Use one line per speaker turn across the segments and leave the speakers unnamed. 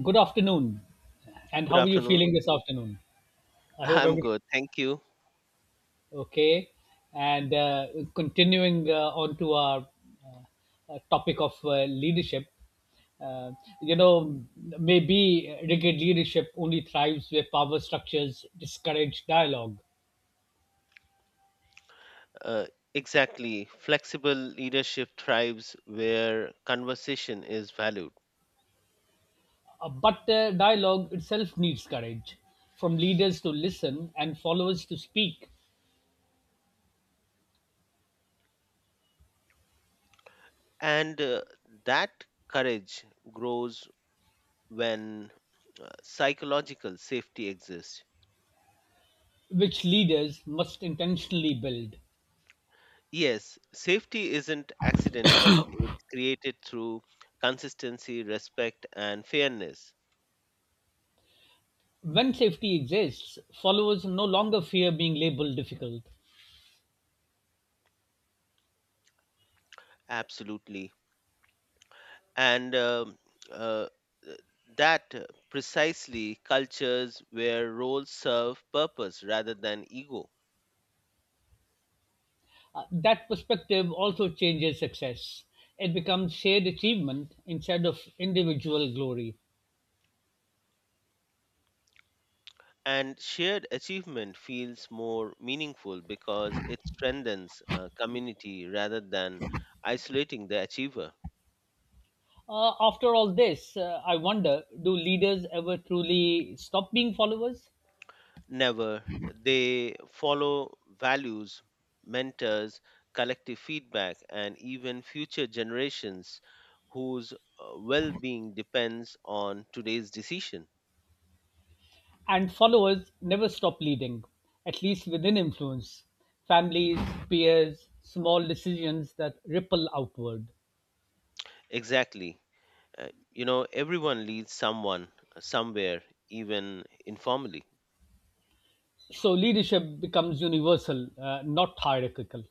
Good afternoon. And
Good
how are you
afternoon.
feeling this afternoon? I hope
I'm
everything
good. Thank you.
okay. And continuing on to our topic of leadership, uh, you know, maybe rigid leadership only thrives where power structures discourage dialogue.
Uh, exactly. Flexible leadership thrives where conversation is valued.
But dialogue itself needs courage from leaders to listen and followers to speak,
And that courage grows when psychological safety exists.
which leaders must intentionally build.
Yes, safety isn't accidental, it's created through consistency, respect, and fairness.
When safety exists, followers no longer fear being labeled difficult.
Absolutely. And uh, uh, that Precisely cultures where roles serve purpose rather than ego,
That perspective also changes success. It becomes shared achievement instead of individual glory.
and shared achievement feels more meaningful because it strengthens community rather than isolating the achiever.
After all this, I wonder, do leaders ever truly stop being followers?
Never. They follow values, mentors, collective feedback, and even future generations whose well-being depends on today's decision.
And followers never stop leading, at least within influence. Families, peers, small decisions that ripple outward.
Exactly. You know, everyone leads someone somewhere, even informally.
So leadership becomes universal, not hierarchical.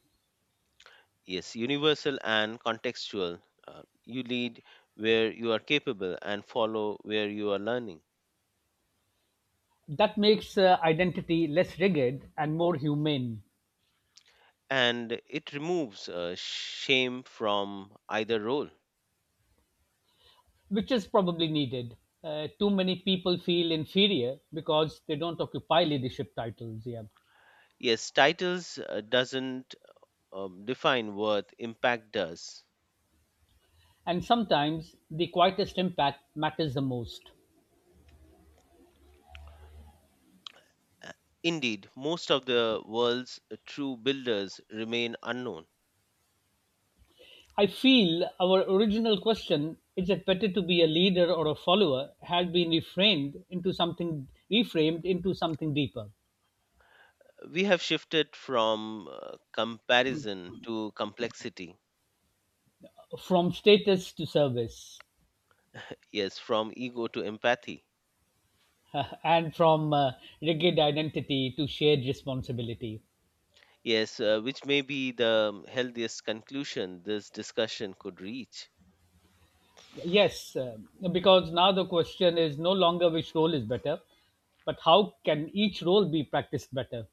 Yes, universal and contextual. You lead where you are capable and follow where you are learning.
That makes identity less rigid and more humane,
And it removes shame from either role.
which is probably needed. Too many people feel inferior because they don't occupy leadership titles. Yeah.
Yes, titles doesn't define worth, impact does.
And sometimes the quietest impact matters the most.
Uh, Indeed, most of the world's true builders remain unknown.
I feel our original question, is it better to be a leader or a follower, had been reframed into something deeper.
We have shifted from comparison to complexity.
From status to service,
Yes, from ego to empathy.
and from rigid identity to shared responsibility.
Yes, which may be the healthiest conclusion this discussion could reach.
Yes, because now the question is no longer which role is better, but how can each role be practiced better?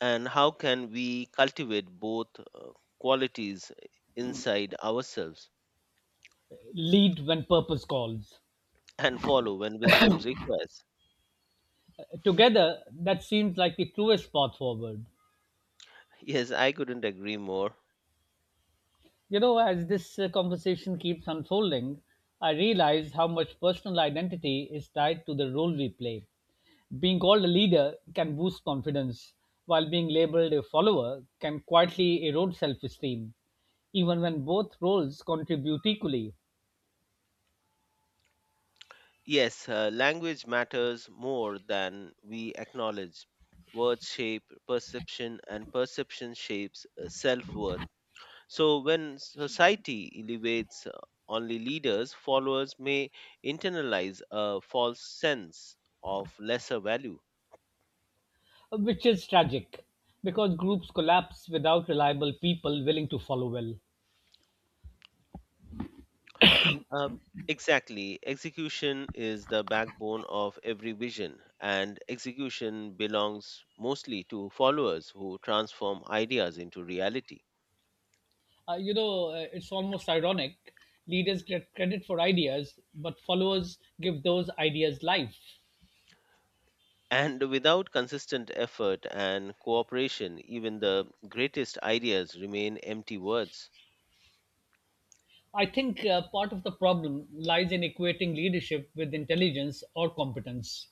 And how can we cultivate both qualities inside ourselves,
Lead when purpose calls.
and follow when wisdom requires.
Together, that seems like the truest path forward.
Yes, I couldn't agree more.
You know, as this conversation keeps unfolding, I realize how much personal identity is tied to the role we play. Being called a leader can boost confidence, while being labeled a follower can quietly erode self esteem even when both roles contribute equally.
Yes, language matters more than we acknowledge. Words shape perception, and perception shapes self worth. So, when society elevates only leaders, followers may internalize a false sense of lesser value.
Which is tragic, because groups collapse without reliable people willing to follow well.
Uh, exactly. Execution is the backbone of every vision, and execution belongs mostly to followers who transform ideas into reality.
It's almost ironic. Leaders get credit for ideas, but followers give those ideas life.
And without consistent effort and cooperation, even the greatest ideas remain empty words.
I think part of the problem lies in equating leadership with intelligence or competence.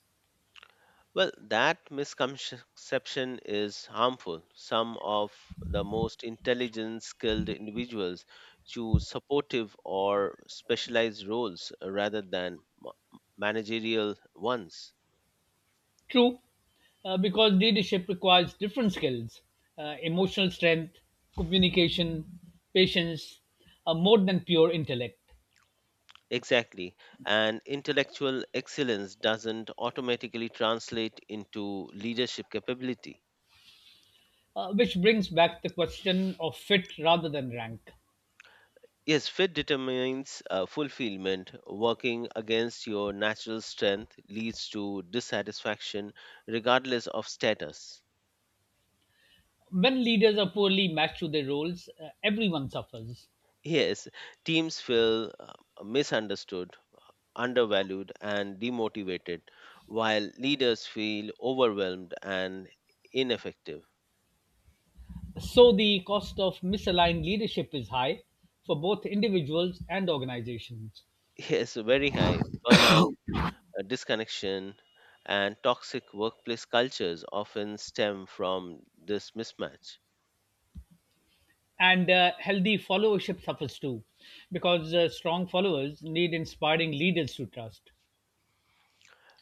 Well, that misconception is harmful. Some of the most intelligent, skilled individuals choose supportive or specialized roles rather than managerial ones.
True, because leadership requires different skills, emotional strength, communication, patience, more than pure intellect.
Exactly. And intellectual excellence doesn't automatically translate into leadership capability.
Which brings back the question of fit rather than rank.
Yes, fit determines fulfillment. Working against your natural strength leads to dissatisfaction regardless of status.
When leaders are poorly matched to their roles, everyone suffers.
Yes, teams feel misunderstood, undervalued, and demotivated, while leaders feel overwhelmed and ineffective.
So the cost of misaligned leadership is high for both individuals and organizations.
Yes, very high. Burnout, disconnection, and toxic workplace cultures often stem from this mismatch.
And healthy followership suffers too, because strong followers need inspiring leaders to trust.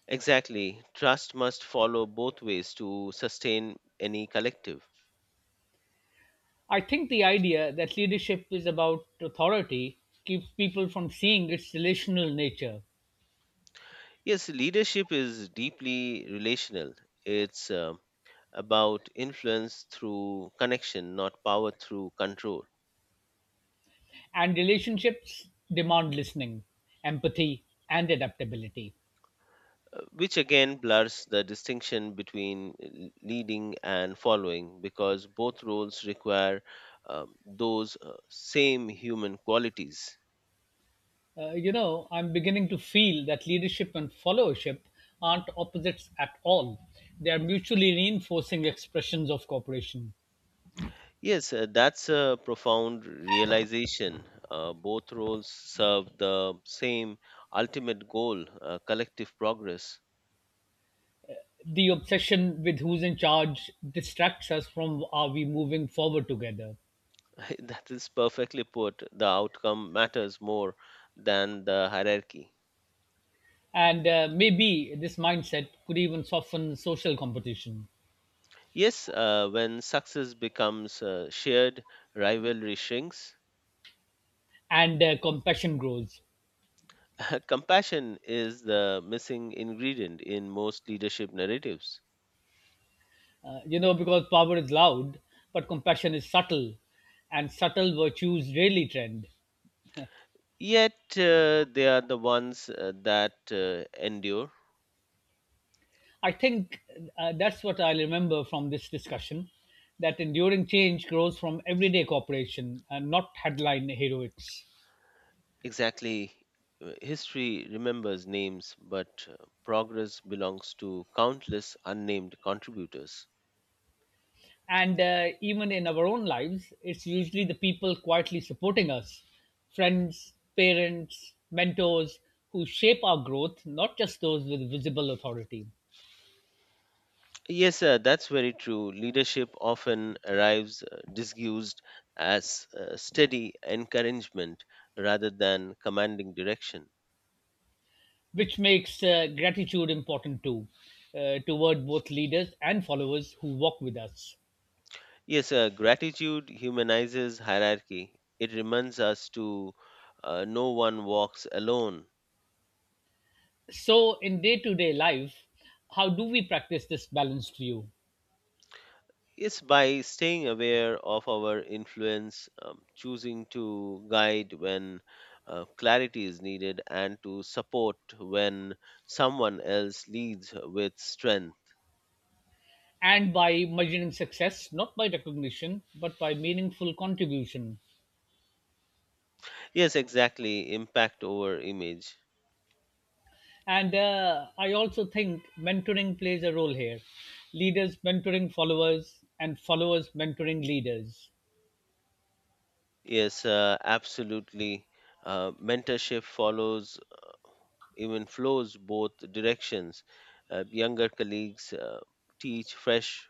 Exactly. Trust must follow both ways to sustain any collective.
I think the idea that leadership is about authority keeps people from seeing its relational nature.
Yes, leadership is deeply relational. It's about influence through connection, not power through control.
And relationships demand listening, empathy, and adaptability.
Uh, which again blurs the distinction between leading and following because both roles require those same human qualities.
You know, I'm beginning to feel that leadership and followership aren't opposites at all. They are mutually reinforcing expressions of cooperation.
Yes, that's a profound realization. Both roles serve the same ultimate goal, collective progress.
The obsession with who's in charge distracts us from, are we moving forward together.
That is perfectly put. The outcome matters more than the hierarchy.
And maybe this mindset could even soften social competition,
Yes, when success becomes shared, rivalry shrinks.
and compassion grows.
Compassion is the missing ingredient in most leadership narratives.
You know, because power is loud, but compassion is subtle, and subtle virtues rarely trend.
Yet, they are the ones that endure.
I think that's what I remember from this discussion, that enduring change grows from everyday cooperation and not headline heroics.
Exactly. History remembers names, but progress belongs to countless unnamed contributors.
And even in our own lives, it's usually the people quietly supporting us, friends, parents, mentors, who shape our growth, not just those with visible authority.
Yes, sir, that's very true. Leadership often arrives disguised as steady encouragement rather than commanding direction.
Which makes gratitude important too, toward both leaders and followers who walk with us.
Yes, sir, gratitude humanizes hierarchy. It reminds us to no one walks alone.
So in day-to-day life, how do we practice this balanced view?
Is by staying aware of our influence, choosing to guide when clarity is needed, and to support when someone else leads with strength.
And by measuring success not by recognition but by meaningful contribution.
Yes, exactly. Impact over image.
And I also think mentoring plays a role here, leaders mentoring followers and followers mentoring leaders.
Yes, absolutely. Mentorship follows, even flows both directions. Younger colleagues teach fresh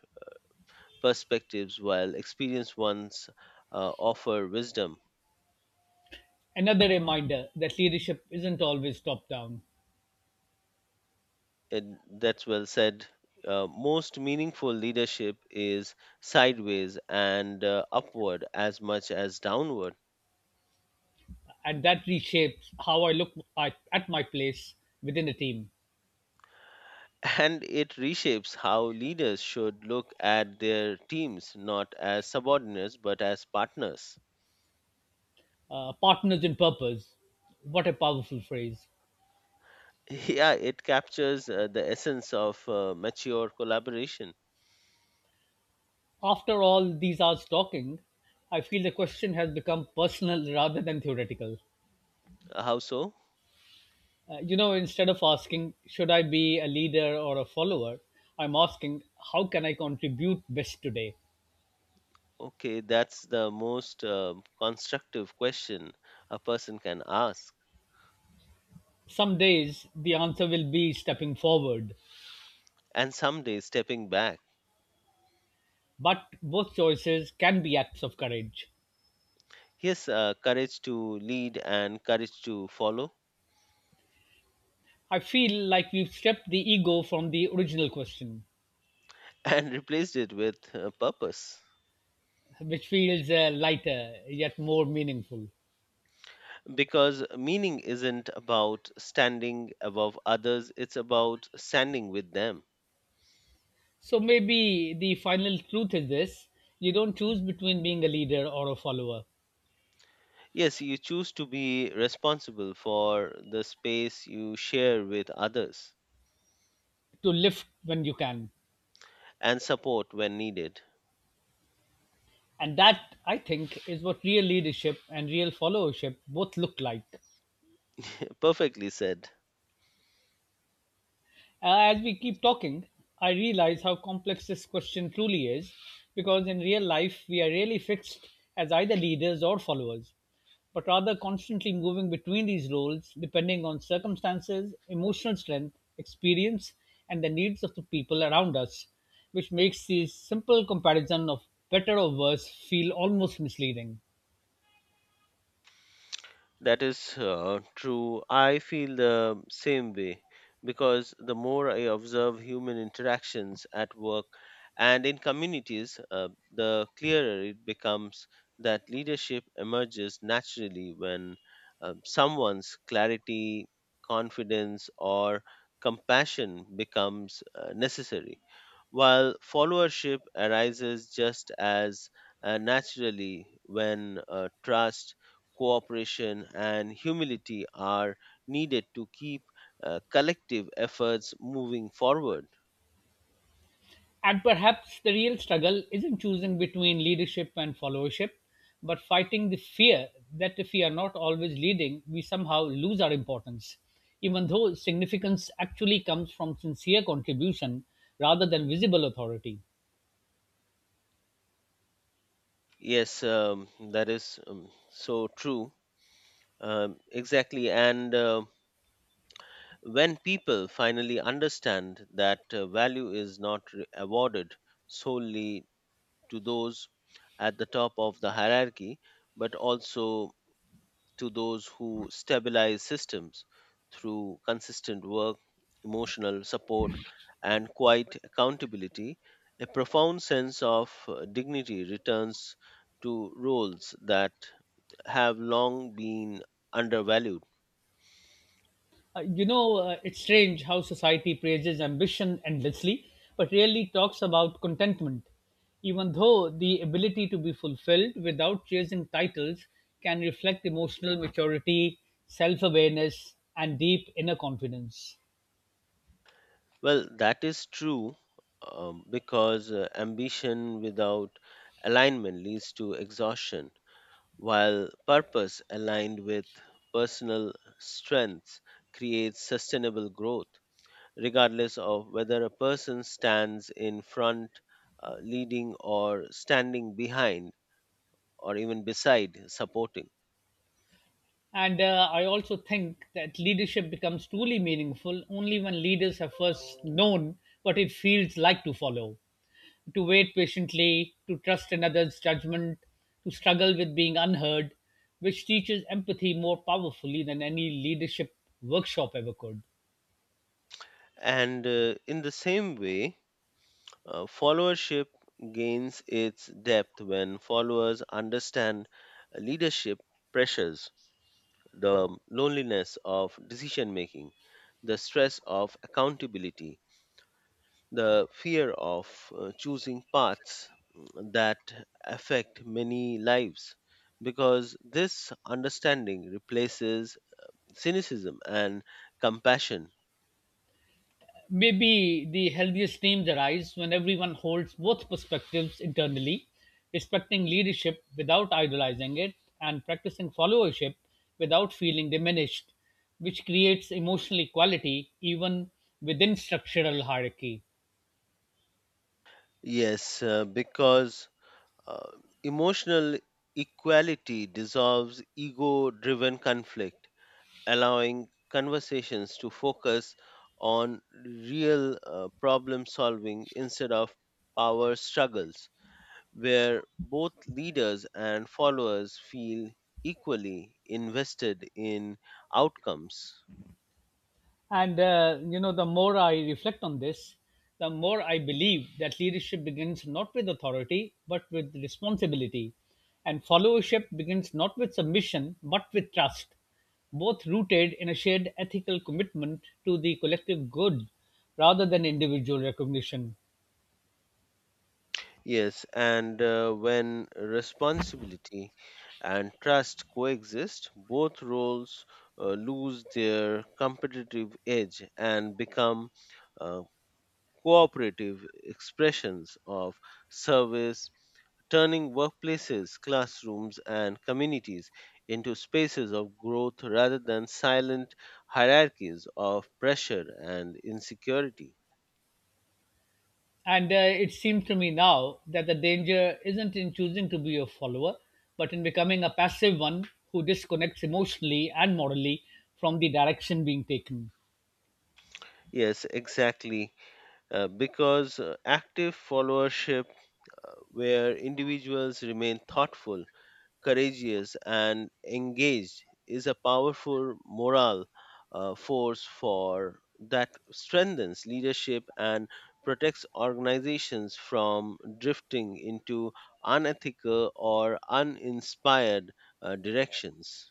perspectives, while experienced ones offer wisdom.
Another reminder that leadership isn't always top down,
And that's well said. Most meaningful leadership is sideways and upward as much as downward.
and that reshapes how I look at my place within a team.
And it reshapes how leaders should look at their teams, not as subordinates, but as partners.
Partners in purpose. What a powerful phrase.
Yeah, it captures the essence of mature collaboration.
After all these hours talking, I feel the question has become personal rather than theoretical.
How so?
Instead of asking, should I be a leader or a follower, I'm asking, how can I contribute best today?
Okay, that's the most constructive question a person can ask.
Some days the answer will be stepping forward,
And someday, stepping back.
but both choices can be acts of courage.
Yes, courage to lead and courage to follow.
I feel like we've stripped the ego from the original question,
And replaced it with purpose.
which feels lighter yet more meaningful.
Because meaning isn't about standing above others, it's about standing with them.
So maybe the final truth is this: you don't choose between being a leader or a follower,
Yes, you choose to be responsible for the space you share with others,
to lift when you can.
and support when needed.
And that, I think, is what real leadership and real followership both look like.
Perfectly said.
As we keep talking, I realize how complex this question truly is, because in real life, we are really fixed as either leaders or followers, but rather constantly moving between these roles depending on circumstances, emotional strength, experience, and the needs of the people around us, which makes this simple comparison of better or worse feel almost misleading.
That is true. I feel the same way because the more I observe human interactions at work and in communities, the clearer it becomes that leadership emerges naturally when someone's clarity, confidence, or compassion becomes necessary, while followership arises just as naturally when trust, cooperation, and humility are needed to keep collective efforts moving forward.
And perhaps the real struggle isn't choosing between leadership and followership, but fighting the fear that if we are not always leading, we somehow lose our importance, even though significance actually comes from sincere contribution rather than visible authority.
Yes, that is so true. Exactly. And when people finally understand that value is not awarded solely to those at the top of the hierarchy, but also to those who stabilize systems through consistent work, emotional support, and quiet accountability, a profound sense of dignity returns to roles that have long been undervalued.
It's strange how society praises ambition endlessly, but rarely talks about contentment. Even though the ability to be fulfilled without chasing titles can reflect emotional maturity, self awareness, and deep inner confidence.
Well, that is true, because ambition without alignment leads to exhaustion, while purpose aligned with personal strengths creates sustainable growth, regardless of whether a person stands in front, leading, or standing behind, or even beside, supporting.
And I also think that leadership becomes truly meaningful only when leaders have first known what it feels like to follow. To wait patiently, to trust another's judgment, to struggle with being unheard, which teaches empathy more powerfully than any leadership workshop ever could.
And in the same way, followership gains its depth when followers understand leadership pressures, the loneliness of decision making, the stress of accountability, the fear of choosing paths, that affect many lives, because this understanding replaces cynicism and compassion.
Maybe the healthiest teams arise when everyone holds both perspectives internally, respecting leadership without idolizing it and practicing followership without feeling diminished, which creates emotional equality even within structural hierarchy.
Yes, because uh, emotional equality dissolves ego driven conflict, allowing conversations to focus on real problem solving instead of power struggles, where both leaders and followers feel equally invested in outcomes.
And you know, the more I reflect on this, the more I believe that leadership begins not with authority but with responsibility, and followership begins not with submission but with trust, both rooted in a shared ethical commitment to the collective good rather than individual recognition.
Yes, and when responsibility and trust coexist, both roles lose their competitive edge and become uh, cooperative expressions of service, turning workplaces, classrooms, and communities into spaces of growth rather than silent hierarchies of pressure and insecurity.
And it seems to me now that the danger isn't in choosing to be a follower, but in becoming a passive one who disconnects emotionally and morally from the direction being taken.
Yes, exactly. Because active followership, where individuals remain thoughtful, courageous, and engaged is a powerful moral force for that strengthens leadership and protects organizations from drifting into unethical or uninspired directions.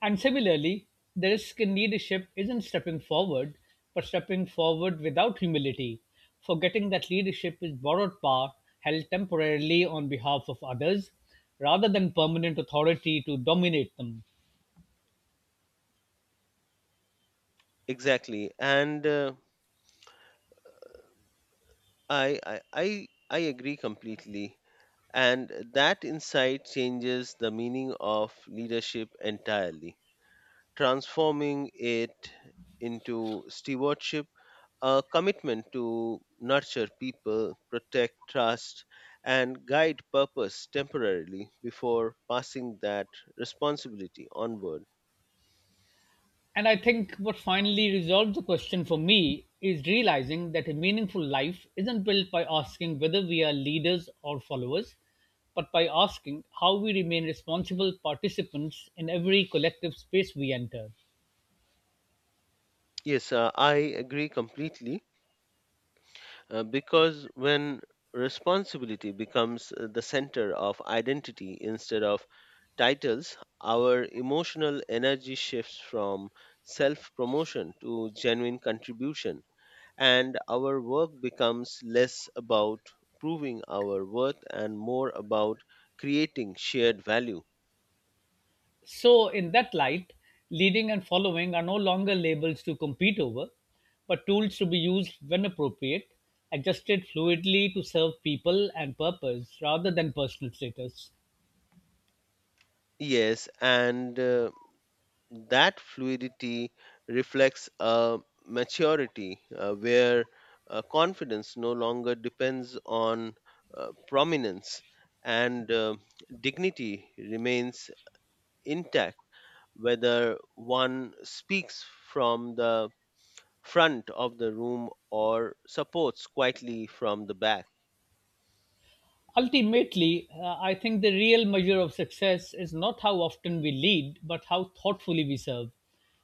And similarly, the risk in leadership isn't stepping forward, but stepping forward without humility, forgetting that leadership is borrowed power held temporarily on behalf of others rather than permanent authority to dominate them.
Exactly, and I agree completely. And that insight changes the meaning of leadership entirely, transforming it into stewardship, a commitment to nurture people, protect trust, and guide purpose temporarily before passing that responsibility onward.
And I think what finally resolves the question for me is realizing that a meaningful life isn't built by asking whether we are leaders or followers, but by asking how we remain responsible participants in every collective space we enter.
Yes, I agree completely, because when responsibility becomes the center of identity instead of titles, our emotional energy shifts from self promotion to genuine contribution, and our work becomes less about proving our worth and more about creating shared value.
So, in that light, leading and following are no longer labels to compete over, but tools to be used when appropriate, adjusted fluidly to serve people and purpose rather than personal status.
Yes, and that fluidity reflects a maturity where confidence no longer depends on prominence, and dignity remains intact, whether one speaks from the front of the room or supports quietly from the back.
Ultimately, I think the real measure of success is not how often we lead, but how thoughtfully we serve,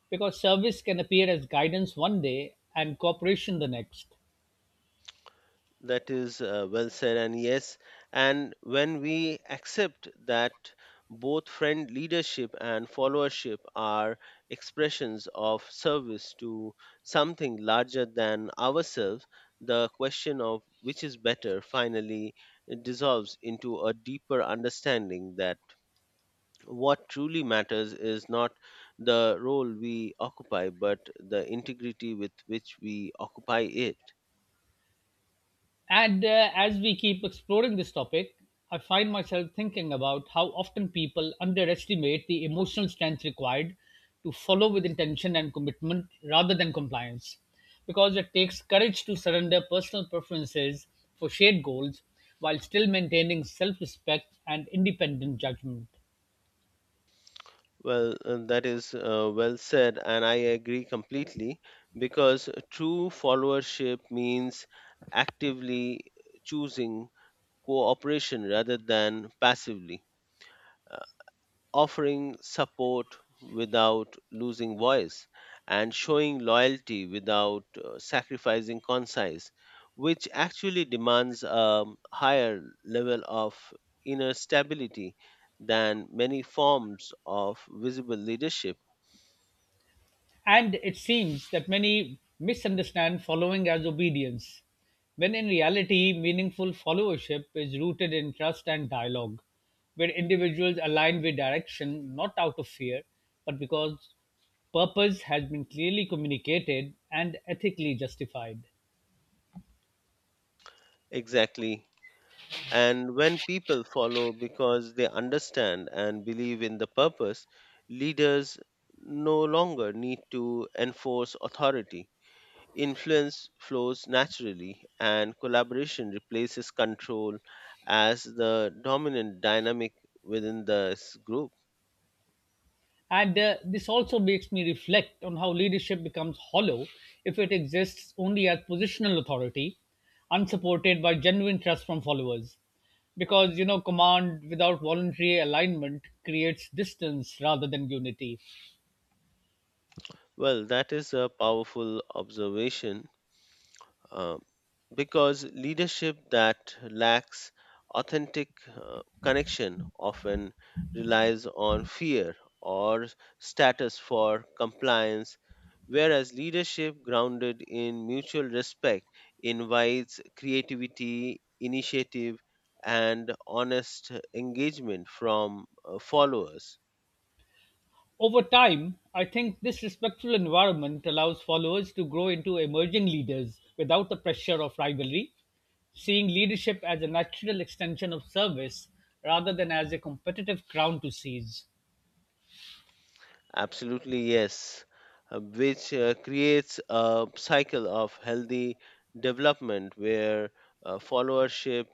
because service can appear as guidance one day and cooperation the next.
That is well said, and yes, and when we accept that both friend leadership and followership are expressions of service to something larger than ourselves, the question of which is better finally dissolves into a deeper understanding that what truly matters is not the role we occupy, but the integrity with which we occupy it.
And as we keep exploring this topic, I find myself thinking about how often people underestimate the emotional strength required to follow with intention and commitment rather than compliance. Because it takes courage to surrender personal preferences for shared goals while still maintaining self respect and independent judgment.
Well, that is well said, and I agree completely because true followership means actively choosing cooperation rather than passively, uh, offering support without losing voice, and showing loyalty without sacrificing concise, which actually demands a higher level of inner stability than many forms of visible leadership.
And it seems that many misunderstand following as obedience, when in reality, meaningful followership is rooted in trust and dialogue, where individuals align with direction not out of fear, but because purpose has been clearly communicated and ethically justified.
Exactly. And when people follow because they understand and believe in the purpose, leaders no longer need to enforce authority. Influence flows naturally, and collaboration replaces control as the dominant dynamic within this group.
And this also makes me reflect on how leadership becomes hollow if it exists only as positional authority, unsupported by genuine trust from followers. Because, you know, command without voluntary alignment creates distance rather than unity.
Well, that is a powerful observation, uh, because leadership that lacks authentic connection often relies on fear or status for compliance, whereas leadership grounded in mutual respect invites creativity, initiative, and honest engagement from followers.
Over time, I think this respectful environment allows followers to grow into emerging leaders without the pressure of rivalry, seeing leadership as a natural extension of service rather than as a competitive crown to seize.
Absolutely, yes, which creates a cycle of healthy development where followership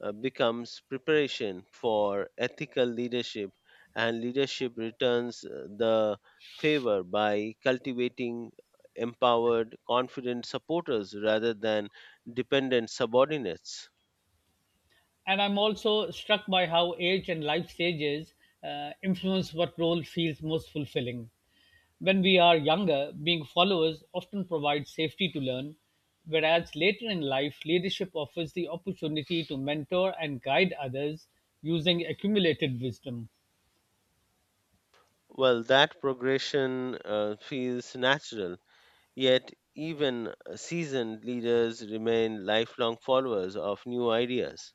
becomes preparation for ethical leadership, and leadership returns the favor by cultivating empowered, confident supporters rather than dependent subordinates.
And I'm also struck by how age and life stages influence what role feels most fulfilling. When we are younger, being followers often provides safety to learn, whereas later in life, leadership offers the opportunity to mentor and guide others using accumulated wisdom.
Well, that progression feels natural. Yet, even seasoned leaders remain lifelong followers of new ideas,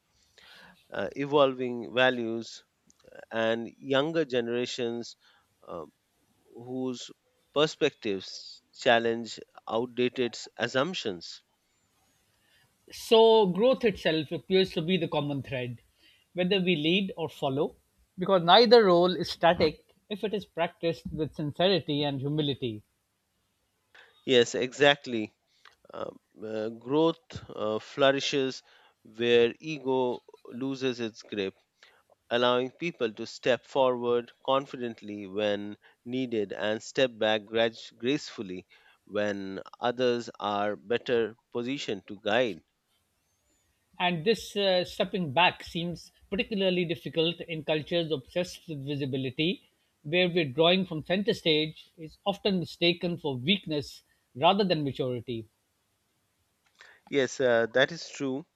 evolving values, and younger generations uh, whose perspectives challenge outdated assumptions.
So, growth itself appears to be the common thread, whether we lead or follow, because neither role is static if it is practiced with sincerity and humility.
Yes, exactly. Growth flourishes where ego loses its grip, allowing people to step forward confidently when needed and step back gracefully when others are better positioned to guide.
And this stepping back seems particularly difficult in cultures obsessed with visibility, where withdrawing from center stage is often mistaken for weakness rather than maturity.
Yes, that is true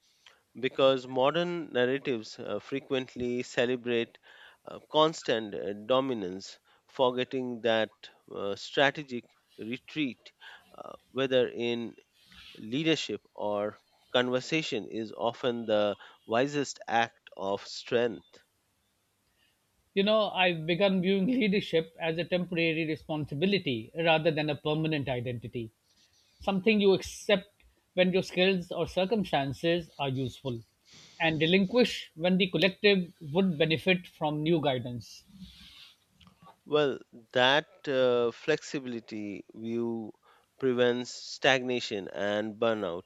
because modern narratives frequently celebrate constant dominance, forgetting that strategic retreat, whether in leadership or conversation, is often the wisest act of strength.
You know, I've begun viewing leadership as a temporary responsibility rather than a permanent identity, something you accept when your skills or circumstances are useful, and relinquish when the collective would benefit from new guidance.
Well, that flexibility view prevents stagnation and burnout,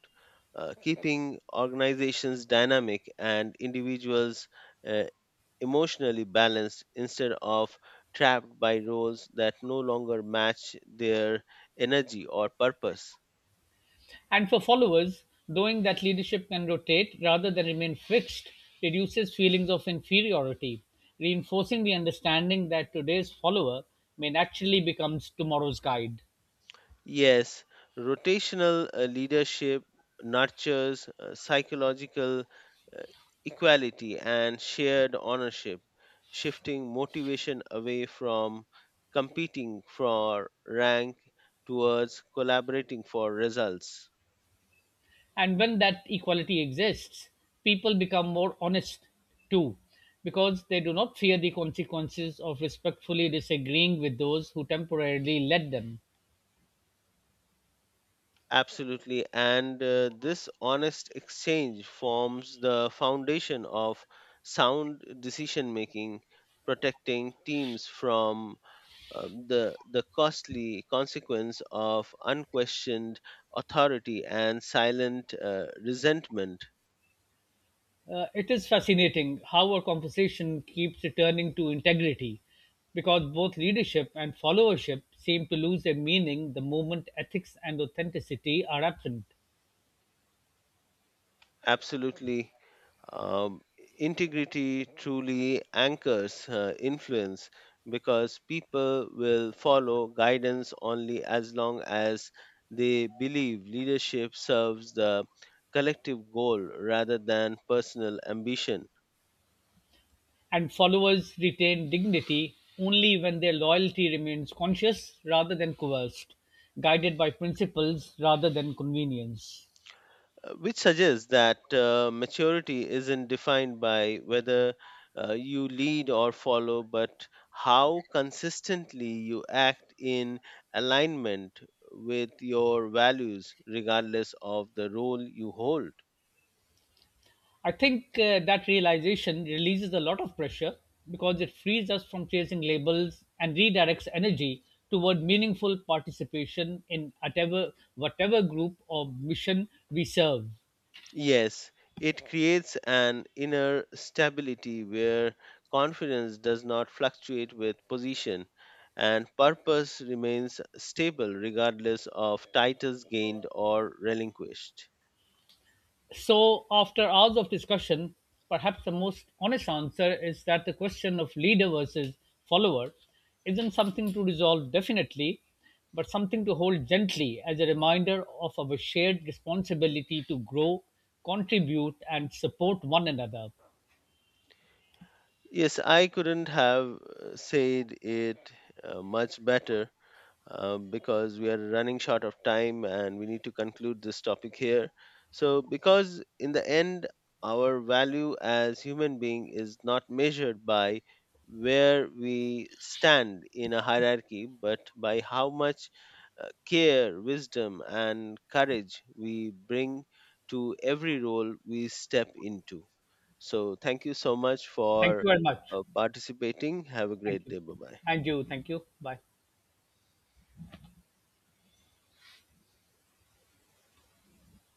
keeping organizations dynamic and individuals uh, emotionally balanced instead of trapped by roles that no longer match their energy or purpose.
And for followers, knowing that leadership can rotate rather than remain fixed reduces feelings of inferiority, reinforcing the understanding that today's follower may naturally become tomorrow's guide.
Yes, rotational leadership nurtures psychological equality and shared ownership, shifting motivation away from competing for rank towards collaborating for results.
And when that equality exists, people become more honest too, because they do not fear the consequences of respectfully disagreeing with those who temporarily led them.
Absolutely, and this honest exchange forms the foundation of sound decision making, protecting teams from the costly consequence of unquestioned authority and silent resentment.
It is fascinating how our conversation keeps returning to integrity, because both leadership and followership seem to lose their meaning the moment ethics and authenticity are absent.
Absolutely. um, Integrity truly anchors influence because people will follow guidance only as long as they believe leadership serves the collective goal rather than personal ambition.
And followers retain dignity only when their loyalty remains conscious rather than coerced, guided by principles rather than convenience.
Uh, which suggests that maturity isn't defined by whether you lead or follow, but how consistently you act in alignment with your values, regardless of the role you hold.
I think that realization releases a lot of pressure because it frees us from chasing labels and redirects energy toward meaningful participation in whatever group or mission we serve.
Yes, it creates an inner stability where confidence does not fluctuate with position, and purpose remains stable regardless of titles gained or relinquished.
So, after hours of discussion, perhaps the most honest answer is that the question of leader versus follower isn't something to resolve definitely, but something to hold gently as a reminder of our shared responsibility to grow, contribute, and support one another.
Yes, I couldn't have said it much better, because we are running short of time and we need to conclude this topic here. So, because in the end, our value as human being is not measured by where we stand in a hierarchy, but by how much care, wisdom, and courage we bring to every role we step into. So thank you so much
Thank
for
you very much.
participating. Have a
Thank
great
you.
day. Bye bye.
And you, thank you. Bye.